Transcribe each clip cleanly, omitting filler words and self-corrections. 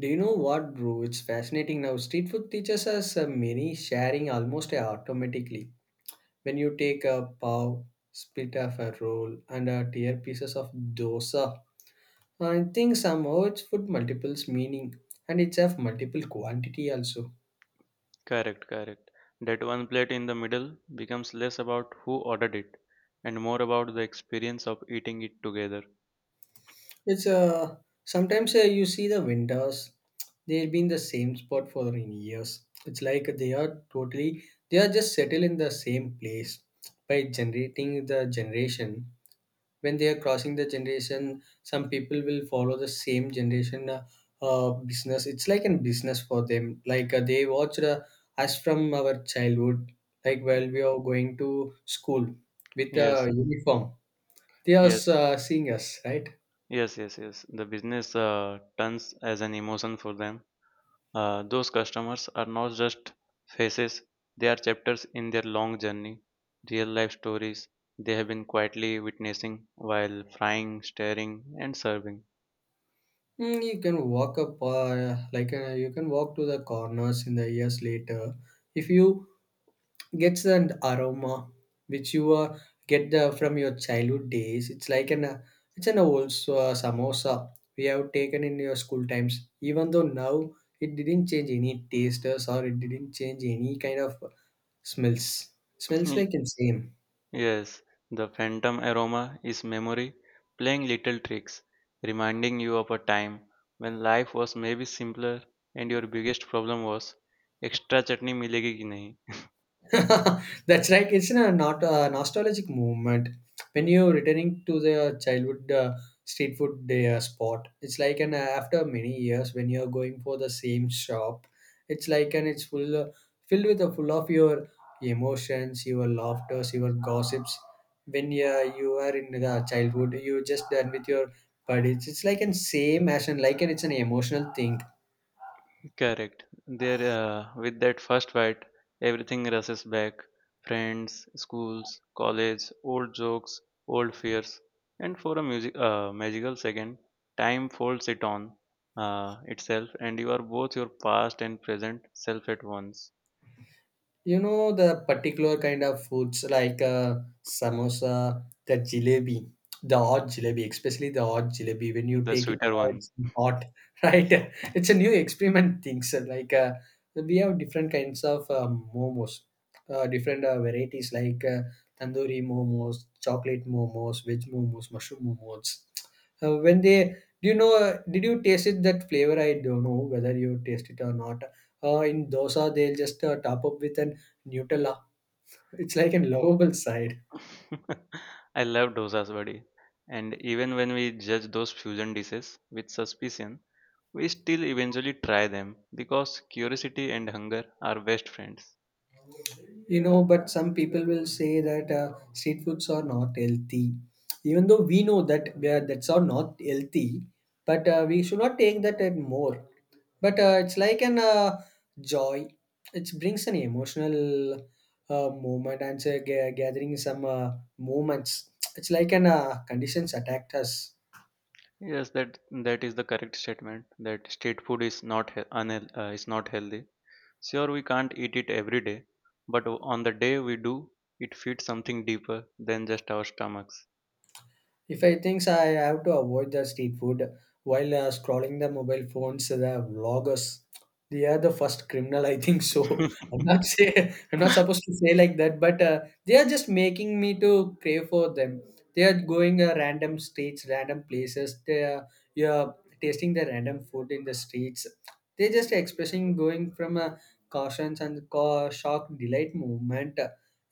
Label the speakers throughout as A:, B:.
A: Do you know what, bro? It's fascinating now. Street food teaches us many sharing almost automatically. When you take a pav, split of a roll, and tear pieces of dosa, I think somehow it's food multiples meaning and it's of multiple quantity also.
B: Correct, correct. That one plate in the middle becomes less about who ordered it and more about the experience of eating it together.
A: It's sometimes you see the vendors, they've been the same spot for in years. It's like they are totally, they are just settled in the same place by generating the generation when they are crossing the generation some people will follow the same generation business it's like a business for them like they watched us from our childhood like while we are going to school with a
B: Yes,
A: uniform they are
B: yes,
A: seeing us, right?
B: yes, yes, yes. The business turns as an emotion for them. Those customers are not just faces. They are chapters in their long journey, real life stories they have been quietly witnessing while frying, stirring, and serving.
A: Mm, you can walk up, like you can walk to the corners in the years later. If you gets an aroma which you get the, from your childhood days, it's like an it's an old samosa we have taken in your school times. Even though now it didn't change any tasters or it didn't change any kind of smells. Smells like insane.
B: Yes, the phantom aroma is memory playing little tricks, reminding you of a time when life was maybe simpler and your biggest problem was extra chutney milegi ki nahi.
A: That's like it's a not a nostalgic movement. When you're returning to the childhood street food day spot, it's like an after many years when you're going for the same shop, it's like an it's full filled with the full of your emotions, your laughters, your gossips. When you are in the childhood, you just done with your buddies. It's like an same as an like an it's an emotional thing.
B: Correct. There, with that first bite, everything rushes back. Friends, schools, college, old jokes, old fears, and for a music, magical second, time folds it on itself, and you are both your past and present self at once.
A: You know the particular kind of foods like samosa, the jalebi, the hot jalebi, especially the hot jalebi. When you
B: The
A: take it,
B: sweeter one.
A: it's hot, right? It's a new experiment thing. So like we have different kinds of momos, different varieties like tandoori momos, chocolate momos, veg momos, mushroom momos. When they, do you know? Did you taste it? That flavor, I don't know whether you taste it or not. In dosa, they'll just top up with an Nutella. It's like a lovable side,
B: I love dosas, buddy. And even when we judge those fusion dishes with suspicion, we still eventually try them because curiosity and hunger are best friends.
A: you know. But some people will say that street foods are not healthy, even though we know that that's are not healthy. But we should not take that at more. But it's like an joy. It brings an emotional moment and so gathering some moments. It's like an conditions attacked us.
B: Yes, that is the correct statement. That street food is not is not healthy. Sure, we can't eat it every day, but on the day we do, it feeds something deeper than just our stomachs.
A: If I think so, I have to avoid the street food while scrolling the mobile phones, the vloggers, they are the first criminal. I think so. I'm not supposed to say like that, but they are just making me to crave for them. They are going random streets, random places. They are you're tasting the random food in the streets. They just expressing going from a cautions and ca shock delight movement.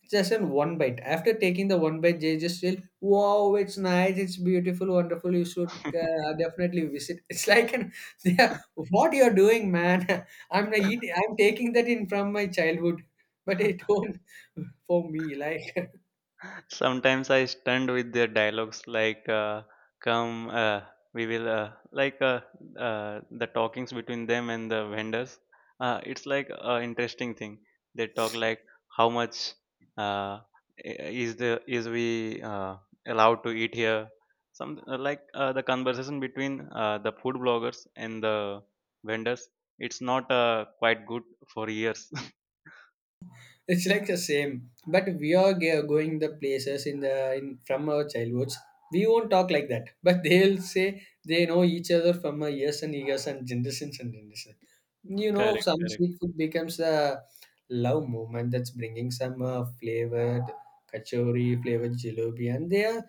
A: It's just in one bite. After taking the one bite, they just feel wow it's nice it's beautiful wonderful you should definitely visit it's like an, they are, what you're doing man I'm not eat, I'm taking that in from my childhood but it don't for me like.
B: Sometimes I stunned with their dialogues like, come, we will, like, the talkings between them and the vendors, it's like a interesting thing they talk like how much, uh, is the is we, allowed to eat here, some, like, the conversation between, the food bloggers and the vendors, it's not quite good for years.
A: It's like the same, but we are going the places in the in from our childhoods. We won't talk like that, but they'll say they know each other from years and years and generations and generations. You know,
B: Correct,
A: some
B: correct.
A: street food becomes a love movement that's bringing some flavored kachori, flavored jalebi, and they are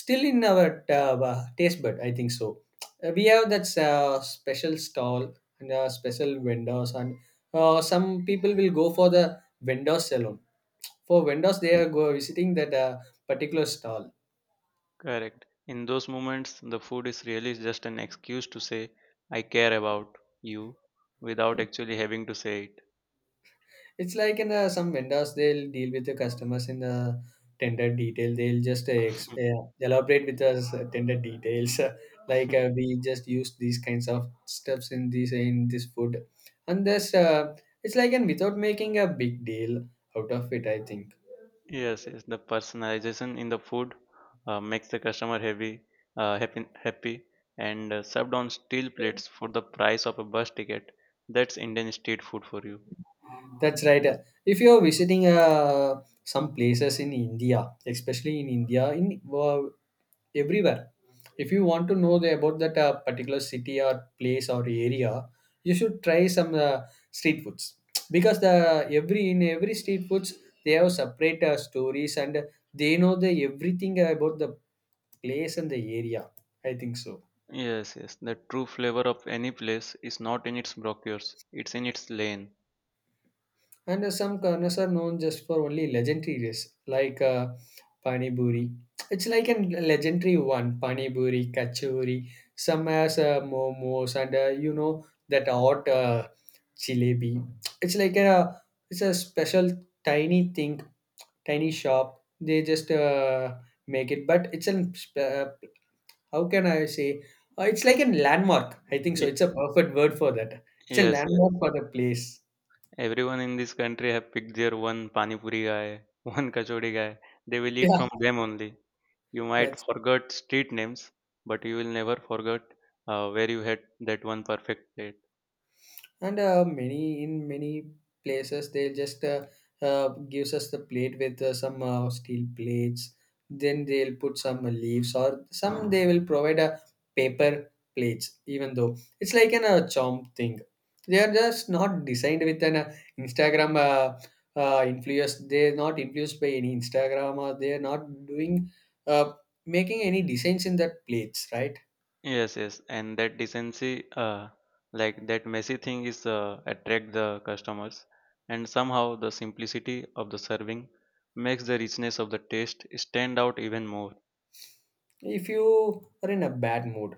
A: still in our taste bud. I think so. We have that special stall and special vendors, and some people will go for the vendors alone. For vendors, they are go visiting that particular stall.
B: Correct. In those moments, the food is really just an excuse to say, I care about you, without actually having to say
A: It's like in some vendors, they'll deal with the customers in the tender detail. They'll just elaborate with us tender details, like
B: it.
A: we just use these kinds of steps in this food, and this it's like and without making a big deal out of it. I think.
B: Yes, yes. The personalization in the food makes the customer happy, happy, happy, and served on steel plates for the price of a bus ticket. That's Indian street food for you.
A: That's right. If you're visiting some places in India, especially in India, in everywhere, if you want to know the, about that particular city or place or area, you should try some street foods because the every in every street foods they have separate stories and they know the everything about the place and the area. I think so.
B: Yes, yes. The true flavor of any place is not in its brochures; it's in its lane.
A: And some corners are known just for only legendary dishes like pani buri. It's like a legendary one, pani buri, kachori. Some has momos and you know that hot jalebi. It's like a it's a special tiny thing, tiny shop. They just make it, but it's an how can I say? It's like a landmark. I think so.
B: Y-
A: It's a perfect word for that. It's a
B: Yes, yes.
A: landmark for the place.
B: Everyone in this country have picked their one pani puri guy, one kachori guy. They will
A: Yeah,
B: eat from them only. You might
A: that's
B: forget street names, but you will never forget where you had that one perfect plate.
A: and many in many places they just uh, gives us the plate with some steel plates then they'll put some leaves or some they will provide a paper plates even though it's like an chomp thing they are just not designed with an instagram influence they're not influenced by any instagram or they're not doing uh, making any designs in that plates, right?
B: Yes, yes, and that decency, like that messy thing, is attract the customers, and somehow the simplicity of the serving makes the richness of the taste stand out even more.
A: If you are in a bad mood,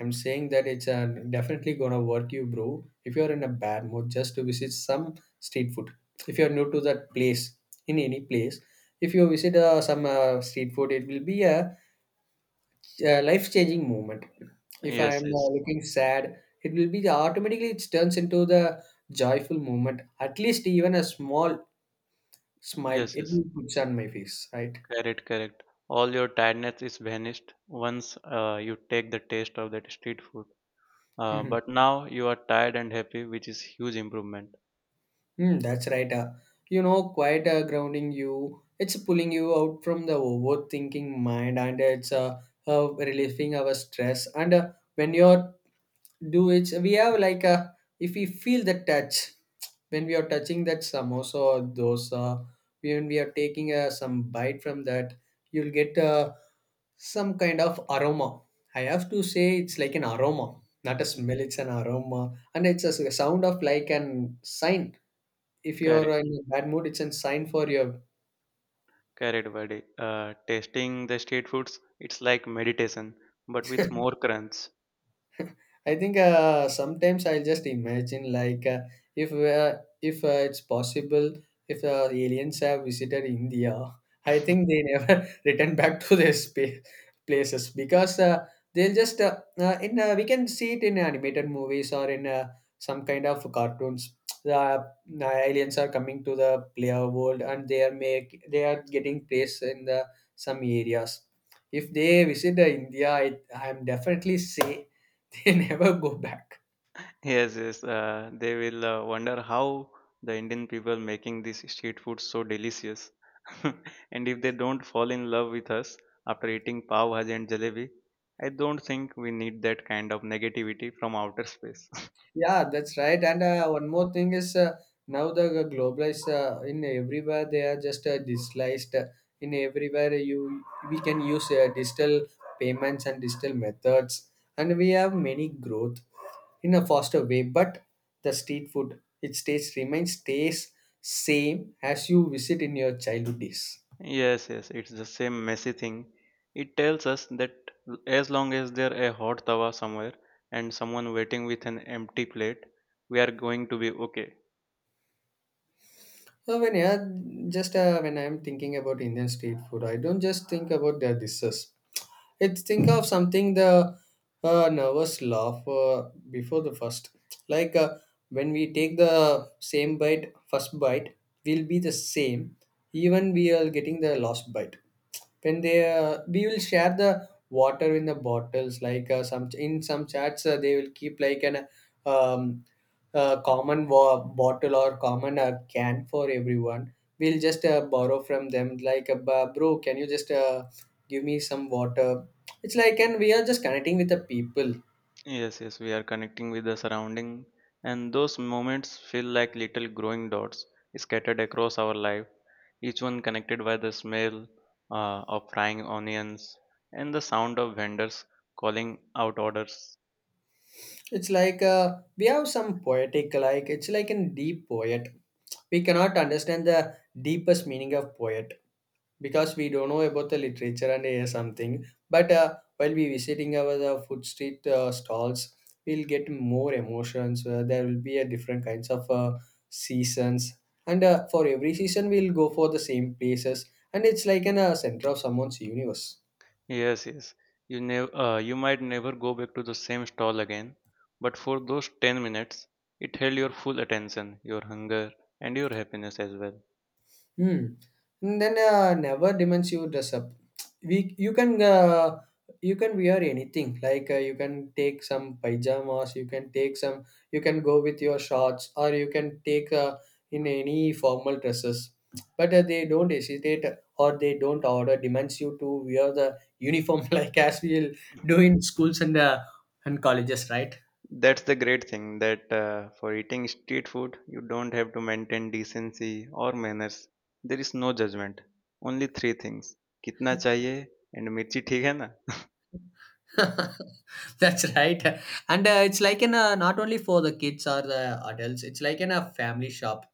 A: I'm saying that it's definitely gonna work you, bro. If you're in a bad mood, just to visit some street food. If you're new to that place, in any place, if you visit some street food, it will be a, life-changing moment. If
B: Yes,
A: I'm
B: yes,
A: looking sad, it will be the, automatically it turns into the joyful moment. At least even a small smile,
B: yes,
A: it
B: yes.
A: will puts on my face, right?
B: Correct, correct. All your tiredness is vanished once you take the taste of that street food. But now you are tired and happy, which is huge improvement.
A: Hmm, that's right. You know, quite grounding you. It's pulling you out from the overthinking mind, and it's relieving our stress. And when you're do it, we have like a if we feel the touch when we are touching that samosa or dosa, when we are taking some bite from that, you'll get some kind of aroma. I have to say it's like an aroma, not a
B: Mhm.
A: smell. It's an aroma, and it's sound of like an sign if you're
B: Correct,
A: in a bad mood it's a sign for your.
B: correct, buddy. Tasting the street foods, it's like meditation, but with more crunch.
A: I think sometimes I'll just imagine like if it's possible if aliens have visited India, I think they never return back to their space places because they'll just in we can see it in animated movies or in some kind of cartoons. The the aliens are coming to the player world and they are make they are getting placed in the some areas. If they visit India, I am definitely say they never go back.
B: Yes, yes. They will wonder how the Indian people making this street food so delicious. And if they don't fall in love with us after eating pav bhaji and jalebi, I don't think we need that kind of negativity from outer space.
A: Yeah, that's right. And one more thing is now the globalized in everywhere they are just digitalized. In everywhere you we can use digital payments and digital methods, and we have many growth in a faster way. But the street food it stays remains stays same as you visit in your childhood days.
B: Yes, yes. It's the same messy thing. It tells us that as long as there a hot tawa somewhere and someone waiting with an empty plate, we are going to be okay.
A: So when yeah, just when I'm thinking about Indian street food, I don't just think about their dishes. It's think of something the nervous laugh before the first. Like when we take the first bite will be the same, even we are getting the last bite. When they we will share the water in the bottles, like some in some chats they will keep like an um, a bottle or common can for everyone. We'll just borrow from them. Like, " bro, can you just give me some water? It's like, and we are just connecting with the people.
B: Yes, yes, we are connecting with the surrounding, and those moments feel like little growing dots scattered across our life, each one connected by the smell of frying onions and the sound of vendors calling out orders.
A: It's like we have some poetic, like it's like a deep poet. We cannot understand the deepest meaning of poet because we don't know about the literature and something but while we visiting our the food street stalls we'll get more emotions there will be a different kinds of seasons and for every season we'll go for the same places and it's like an center of someone's universe.
B: Yes, yes, you might never go back to the same stall again, but for those 10 minutes, it held your full attention, your hunger, and your happiness as well.
A: Hmm. And then never demands you dress up. We you can wear anything. Like you can take some pajamas. You can take some. You can go with your shorts, or you can take in any formal dresses. But they don't hesitate, or they don't order demands you to wear the uniform like as we will do in schools and and colleges, right?
B: That's the great thing that for eating street food, you don't have to maintain decency or manners. There is no judgment. Only three things. कितना चाहिए and मिर्ची ठीक है ना?
A: That's right. And it's like in a, not only for the kids or the adults, it's like in a family shop.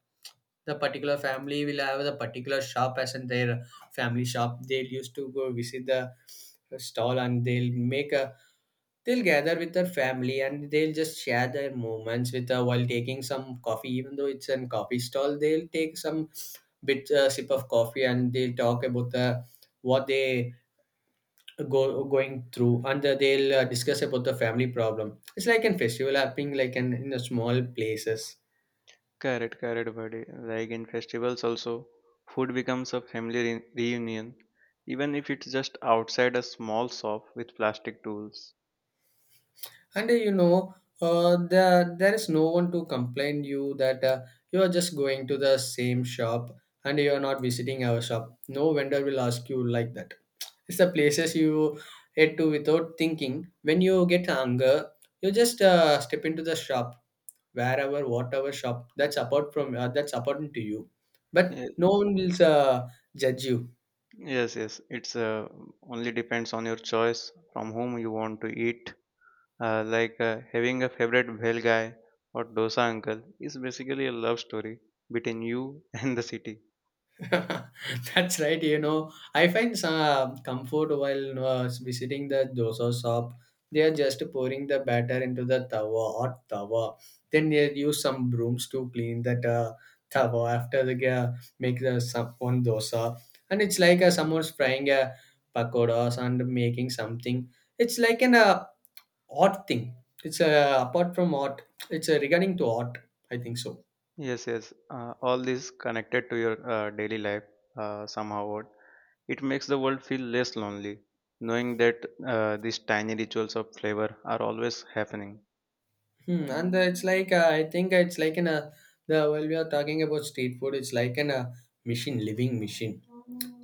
A: The particular family will have the particular shop as in their family shop. They'll used to go visit the stall and they'll make a they'll gather with their family and they'll just share their moments with while taking some coffee, even though it's a coffee stall, they'll take some bit sip of coffee, and they'll talk about the what they go going through. And uh, they'll uh, discuss about the family problem. It's like a festival happening, like an in a small places.
B: Correct, correct, buddy. Like in festivals also, food becomes a family reunion, even if it's just outside a small shop with plastic tools.
A: And there is no one to complain you that you are just going to the same shop and you are not visiting our shop. No vendor will ask you like that. It's the places you head to without thinking. When you get hunger, you just step into the shop, wherever, whatever shop. That's apart from that's apart to you, but no
B: Yes,
A: one will judge you.
B: yes, yes. It's only depends on your choice from whom you want to eat, like having a favorite bhel guy or dosa uncle is basically a love story between you and the city.
A: That's right. You know, I find some comfort while visiting the dosa shop. They are just pouring the batter into the tawa, hot tawa. Then they use some brooms to clean that tawa after they make the one dosa. And it's like someone's frying a pakoras and making something. It's like an art thing. It's apart from art. It's regarding to art, I think so.
B: Yes, yes, all this connected to your daily life somehow. What it makes the world feel less lonely, knowing that these tiny rituals of flavor are always happening.
A: Hmm. And it's like I think it's like in a the while we are talking about street food, it's like in a machine, living machine.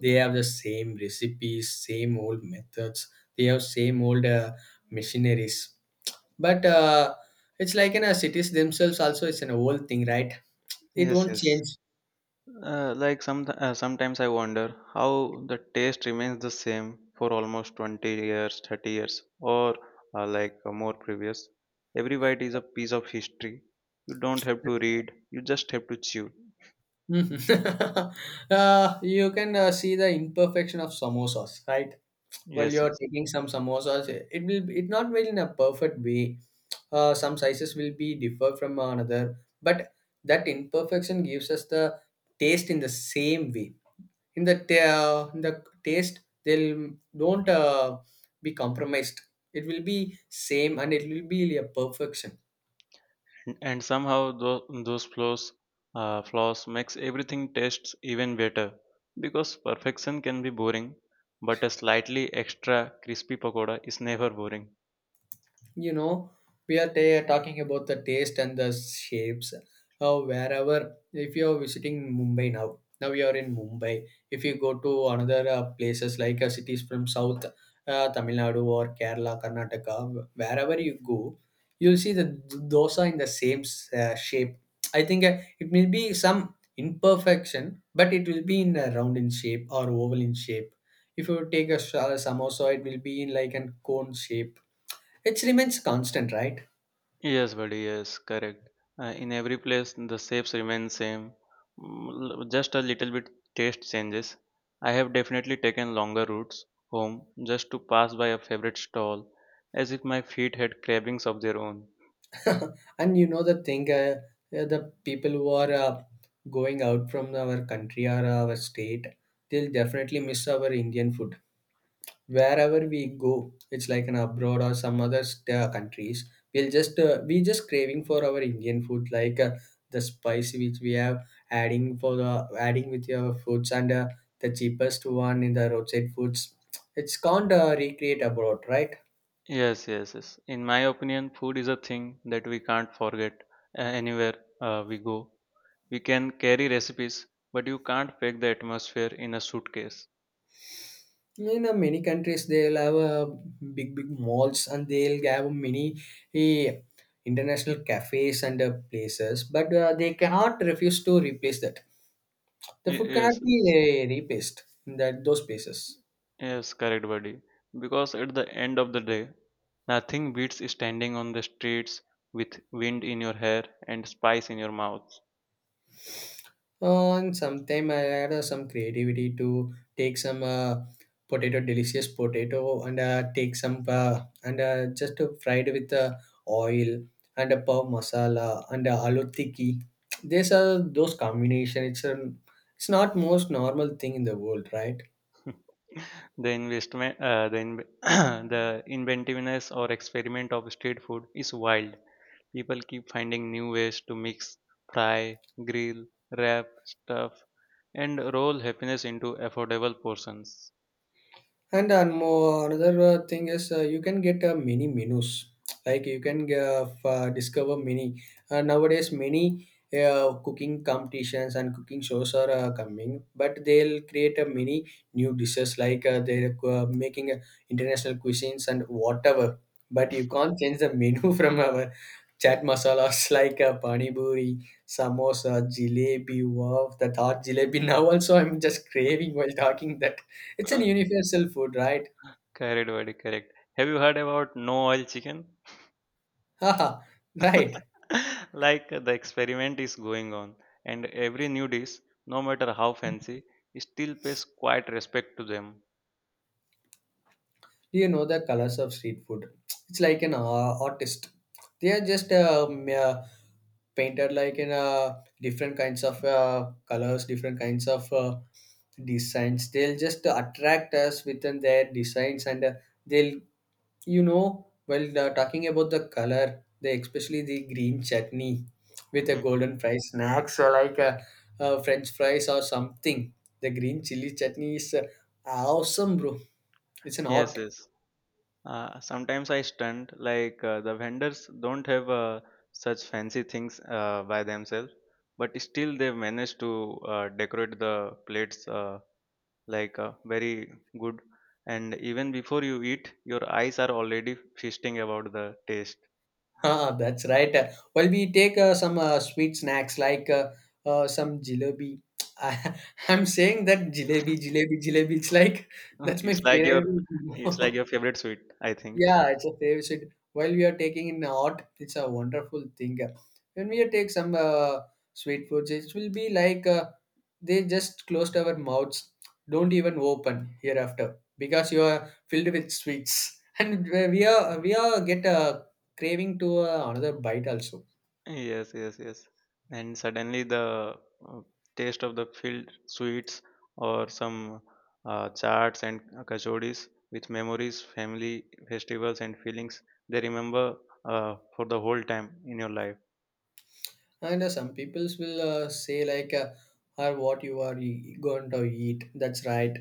A: They have the same recipes, same old methods. They have same old machineries. But it's like in a cities themselves also. It's an old thing, right? It
B: Yes,
A: won't
B: yes.
A: change.
B: Like sometimes I wonder how the taste remains the same for almost 20 years, 30 years, or like more previous. Every bite is a piece of history. You don't have to read. You just have to chew.
A: Mhm. You can see the imperfection of samosas, right? While
B: Yes,
A: you're
B: yes.
A: taking some samosas, it will it not well in a perfect way. Some sizes will be differ from another, but that imperfection gives us the taste in the same way in the taste. They'll don't be compromised. It will be same and it will be a perfection.
B: And somehow those flaws makes everything tastes even better because perfection can be boring, but a slightly extra crispy pakoda is never boring.
A: You know, we are ta talking about the taste and the shapes, how, wherever. If you are visiting Mumbai, now you are in Mumbai. If you go to another places like cities from south, Tamil Nadu or Kerala, Karnataka, wherever you go, you'll see the dosa in the same shape. I think it may be some imperfection, but it will be in a round in shape or oval in shape. If you take a samosa, it will be in like a cone shape. It remains constant, right?
B: Yes, buddy. Yes, correct. In every place, the shapes remain same. Just a little bit taste changes. I have definitely taken longer routes home just to pass by a favorite stall, as if my feet had cravings of their own.
A: And you know the thing, the people who are going out from our country or our state, they'll definitely miss our Indian food. Wherever we go, it's like an abroad or some other countries, we just craving for our Indian food, like the spice which we have adding for the adding with your foods. And the cheapest one in the roadside foods, it's can't recreate abroad, right?
B: Yes, yes, yes. In my opinion, food is a thing that we can't forget anywhere we go. We can carry recipes, but you can't pack the atmosphere in a suitcase.
A: In many countries they'll have big big malls and they'll have many eh, international cafes and places, but they cannot refuse to replace that. The food cannot
B: Yes.
A: be
B: Yes.
A: replaced in that those places.
B: Yes, correct, buddy. Because at the end of the day, nothing beats standing on the streets with wind in your hair and spice in your mouth.
A: And sometime I had some creativity to take some potato, delicious potato, and take some and just fried with oil and a pav masala and aloo tikki. These are those combination. It's not most normal thing in the world, right?
B: The investment, the, inv- The inventiveness or experiment of street food is wild. People keep finding new ways to mix, fry, grill, wrap, stuff, and roll happiness into affordable portions.
A: And another thing is you can get many menus. Like you can discover many. Nowadays, many cooking competitions and cooking shows are coming, but they'll create many new dishes. Like they're making international cuisines and whatever. But you can't change the menu from our chaat masalas, like a pani puri, samosa, jalebi. Wow, the thought jalebi. Now also I'm just craving while talking that. It's an universal food, right?
B: Correct, buddy, correct. Have you heard about no oil chicken?
A: Haha, right.
B: Like the experiment is going on, and every new dish, no matter how fancy, still pays quite respect to them.
A: Do you know the colors of street food? It's like an artist. They are just painted like in different kinds of colors, different kinds of designs. They'll just attract us within their designs and they'll You know, well, talking about the color, the especially the green chutney with a
B: Hmm.
A: golden fry snacks or like a, uh, French fries or something. The green chili chutney is awesome, bro. It's an art.
B: Yes, yes. Sometimes I stunned, like the vendors don't have such fancy things by themselves, but still they manage to decorate the plates, like very good. And even before you eat, your eyes are already feasting about the taste.
A: Ah, that's right. Well, we take some sweet snacks like some jalebi. I, I'm saying that jalebi, jalebi, jalebi. It's like that's my
B: It's like your
A: favorite.
B: it's like your favorite sweet, I think.
A: Yeah, it's a favorite. Side. While we are taking in art, it's a wonderful thing. When we take some sweet foods, it will be like they just closed our mouths, don't even open hereafter because you are filled with sweets, and we are get a craving to another bite also.
B: Yes, yes, yes. And suddenly the uh, taste of the filled sweets or some charts and kachoris with memories, family, festivals, and feelings they remember for the whole time in your life.
A: And some peoples will say like, "Are what you are going to eat?" That's right.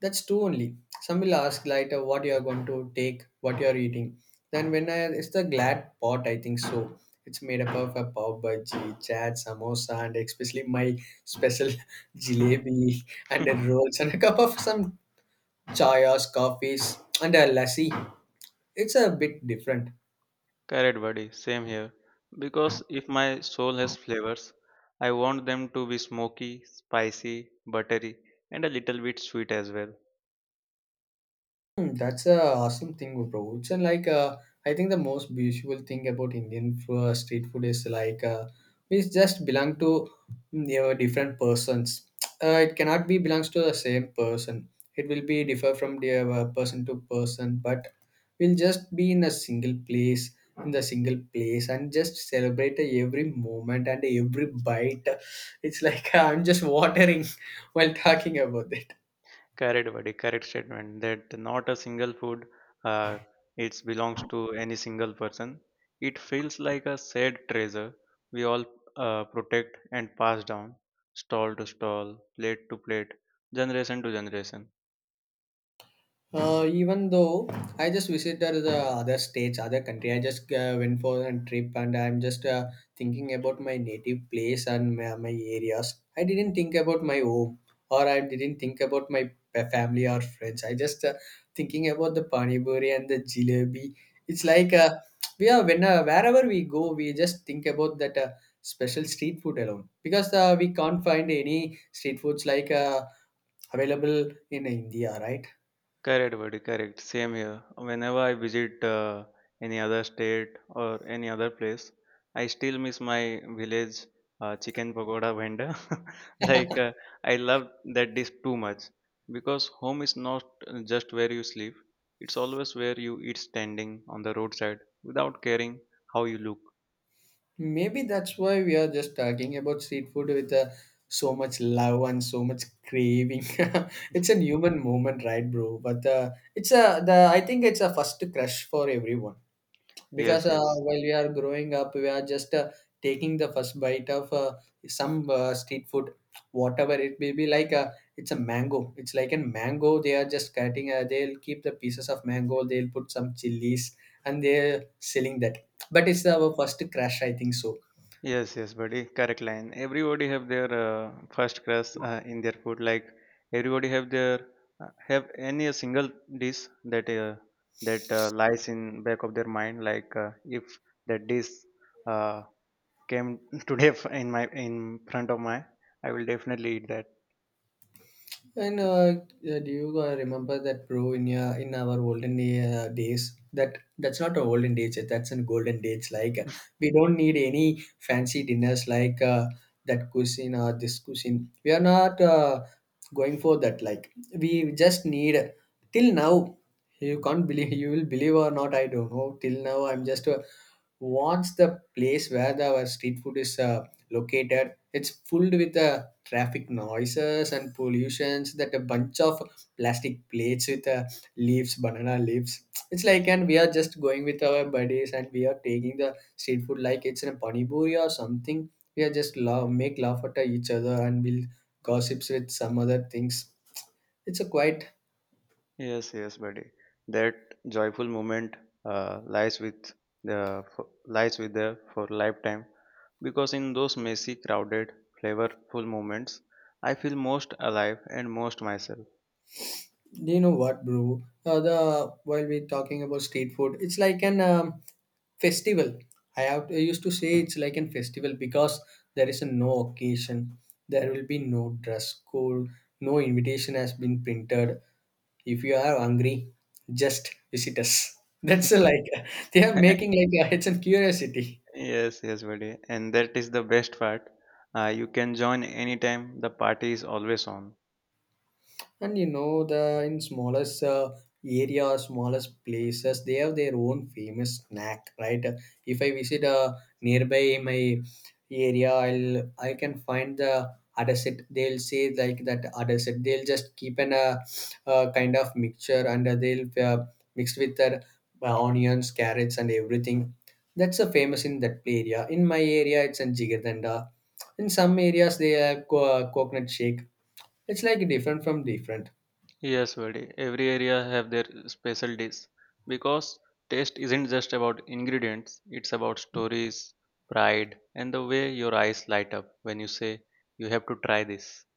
A: That's two only. Some will ask later what you are going to take, what you are eating. Then when I, it's the glad pot, I think so. It's made up of a pav bhaji, chat, samosa, and especially my special jalebi and the rolls and a cup of some chayas, coffees, and a lassi. It's a bit different.
B: Correct, buddy. Same here. Because if my soul has flavors, I want them to be smoky, spicy, buttery, and a little bit sweet as well.
A: Hmm, that's a awesome thing, bro. It's like I think the most beautiful thing about Indian street food is like we just belong to you know, different persons. It cannot be belongs to the same person. It will be differ from the person to person, but we'll just be in a single place and just celebrate every moment and every bite. It's like I'm just watering while talking about it.
B: Correct, buddy. Correct statement that not a single food, uh, it belongs to any single person. It feels like a shared treasure we all protect and pass down, stall to stall, plate to plate, generation to generation.
A: Even though I just visited the other states, other country, I just went for a trip and I'm just thinking about my native place and my areas. I didn't think about my home, or I didn't think about my family or friends. I just thinking about the pani puri and the jalebi. It's like we are when wherever we go, we just think about that special street food alone because we can't find any street foods like available in India, right?
B: Correct, buddy. Correct. Same here. Whenever I visit any other state or any other place, I still miss my village chicken pakoda vendor. Like I love that dish too much because home is not just where you sleep; it's always where you eat standing on the roadside without caring how you look.
A: Maybe that's why we are just talking about street food with so much love and so much craving. It's a human moment, right, bro? But it's a the I think it's a first crush for everyone because
B: Yes, yes.
A: while we are growing up, we are just taking the first bite of some street food, whatever it may be. Like it's a mango. It's like a mango. They are just cutting. They'll keep the pieces of mango. They'll put some chilies and they're selling that. But it's our first crush, I think so.
B: Yes, yes, buddy. Correct line. Everybody have their first crush in their food. Like everybody have their have any a single dish that lies in back of their mind. Like if that dish uh, came today in front of my, I will definitely eat that.
A: And do you remember that, bro, in our olden days? That's not a olden days. That's a golden days. Like we don't need any fancy dinners like that cuisine or this cuisine. We are not going for that. Like we just need till now. You can't believe, you will believe or not, I don't know. Till now, I'm just wants the place where our street food is located. It's filled with traffic noises and pollutions, that a bunch of plastic plates with leaves, banana leaves. It's like, and we are just going with our buddies and we are taking the street food like it's in a panipuri or something. We are just love, make laugh at each other, and we'll gossips with some other things. It's a quite.
B: Yes, yes, buddy. That joyful moment uh, lies with lies with the for lifetime because in those messy, crowded, flavorful moments, I feel most alive and most myself.
A: Do you know what, bro? The While we're talking about street food, it's like an festival. I used to say it's like an festival because there is a no occasion. There will be no dress code. No invitation has been printed. If you are hungry, just visit us. That's like they are making like a, it's a curiosity.
B: Yes, yes, buddy. And that is the best part. You can join anytime. The party is always on.
A: And you know, the in smallest area, smallest places, they have their own famous snack, right? If I visit a nearby my area, I can find the adaset. They'll say like that adaset. They'll just keep an kind of mixture, and they'll mixed with their onions, carrots, and everything. That's a famous in that area. In my area, it's in jigardanda. In some areas, they have coconut shake. It's like different from different.
B: Yes, buddy. Every area have their special dish because taste isn't just about ingredients, it's about stories, pride, and the way your eyes light up when you say you have to try this.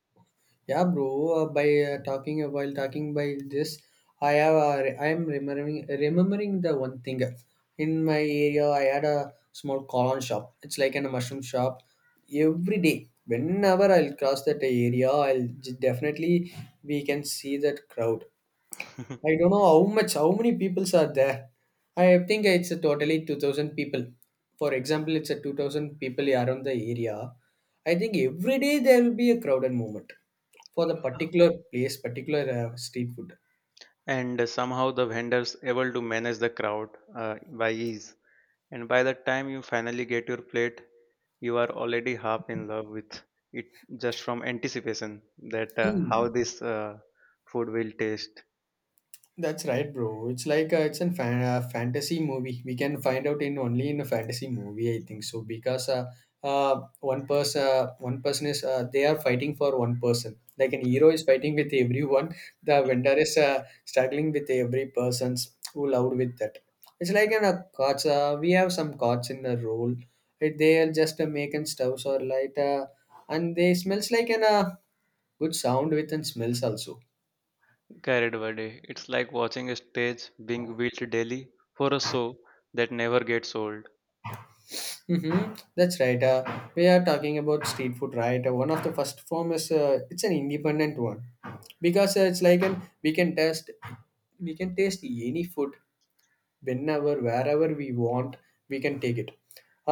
A: Yeah, bro. By talking while talking by this, I have I am remembering the one thing. In my area, I had a small colon shop. It's like an mushroom shop. Every day, whenever I'll cross that area, definitely we can see that crowd. I don't know how many peoples are there. I think it's a totally 2,000 people. For example, it's a 2,000 people around the area. I think every day there will be a crowded movement. For the particular place, particular, street food.
B: And somehow the vendors able to manage the crowd by ease. And by the time you finally get your plate, you are already half in love with it just from anticipation that how
A: Mm.
B: this food will taste.
A: That's right, bro. It's like fantasy movie. We can find out in only in a fantasy movie, I think so, because one person is they are fighting for one person. Like an hero is fighting with everyone. The vendor is struggling with every person's who loved with that. It's like in a cards. We have some cards in a roll. They are just making stoves or light, and they smells like an good sound with and smells also.
B: Carried Buddy. It's like watching a stage being built daily for a show that never gets old.
A: Mm-hmm. That's right. We are talking about street food, right? One of the first form is it's an independent one because it's like an we can test we can taste any food whenever wherever we want we can take it.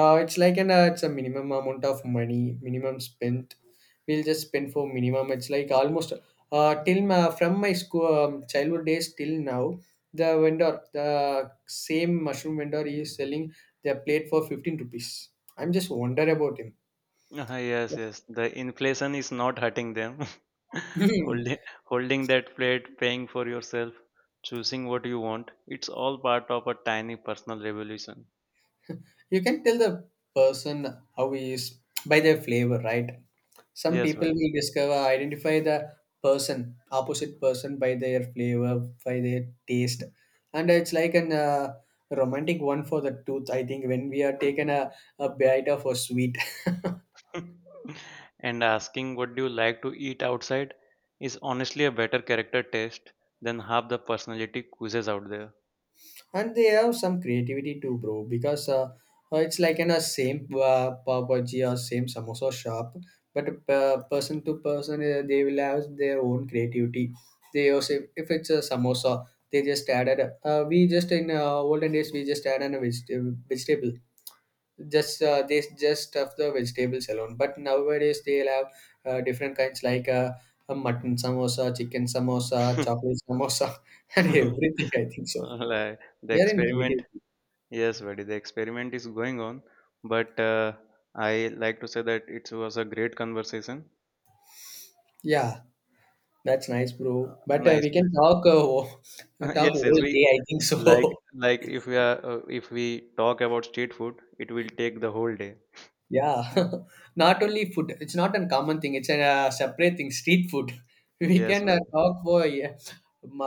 A: It's like an it's a minimum amount of money, minimum spent. We'll just spend for minimum. It's like almost from my school childhood days till now, the vendor, the same mushroom vendor, he is selling their plate for 15 rupees. I'm just wonder about him.
B: Ah, yes, yes. The inflation is not hurting them. holding, holding that plate, paying for yourself, choosing what you want. It's all part of a tiny personal revolution.
A: You can tell the person how he is by their flavor, right? Some
B: Yes,
A: people
B: buddy.
A: will discover, identify the person, opposite person by their flavor, by their taste. And it's like an romantic one for the tooth, I think, when we are taken a bite of a sweet.
B: And asking what do you like to eat outside is honestly a better character test than half the personality quizzes out there.
A: And they have some creativity too, bro, because it's like in a same pav bhaji or same samosa shop, but person to person, they will have their own creativity. They also, if it's a samosa, they just added we just in olden days we just added a vegetable. Just they just stuff the vegetables alone, but nowadays they'll have different kinds, like a mutton samosa, chicken samosa, chocolate samosa and everything, I think so.
B: Like the
A: They are in
B: experiment.
A: creative.
B: Yes, buddy, the experiment is going on, but I like to say that it was a great conversation.
A: Yeah, that's nice, bro. But
B: Nice,
A: we can
B: nice.
A: talk talk
B: Yes,
A: whole
B: yes, we
A: day, I think
B: like
A: so.
B: like if we talk about street food, it will take the whole day.
A: Yeah, not only food. It's not a common thing. It's a separate thing. Street food. We
B: Yes,
A: can
B: buddy.
A: talk for, yeah,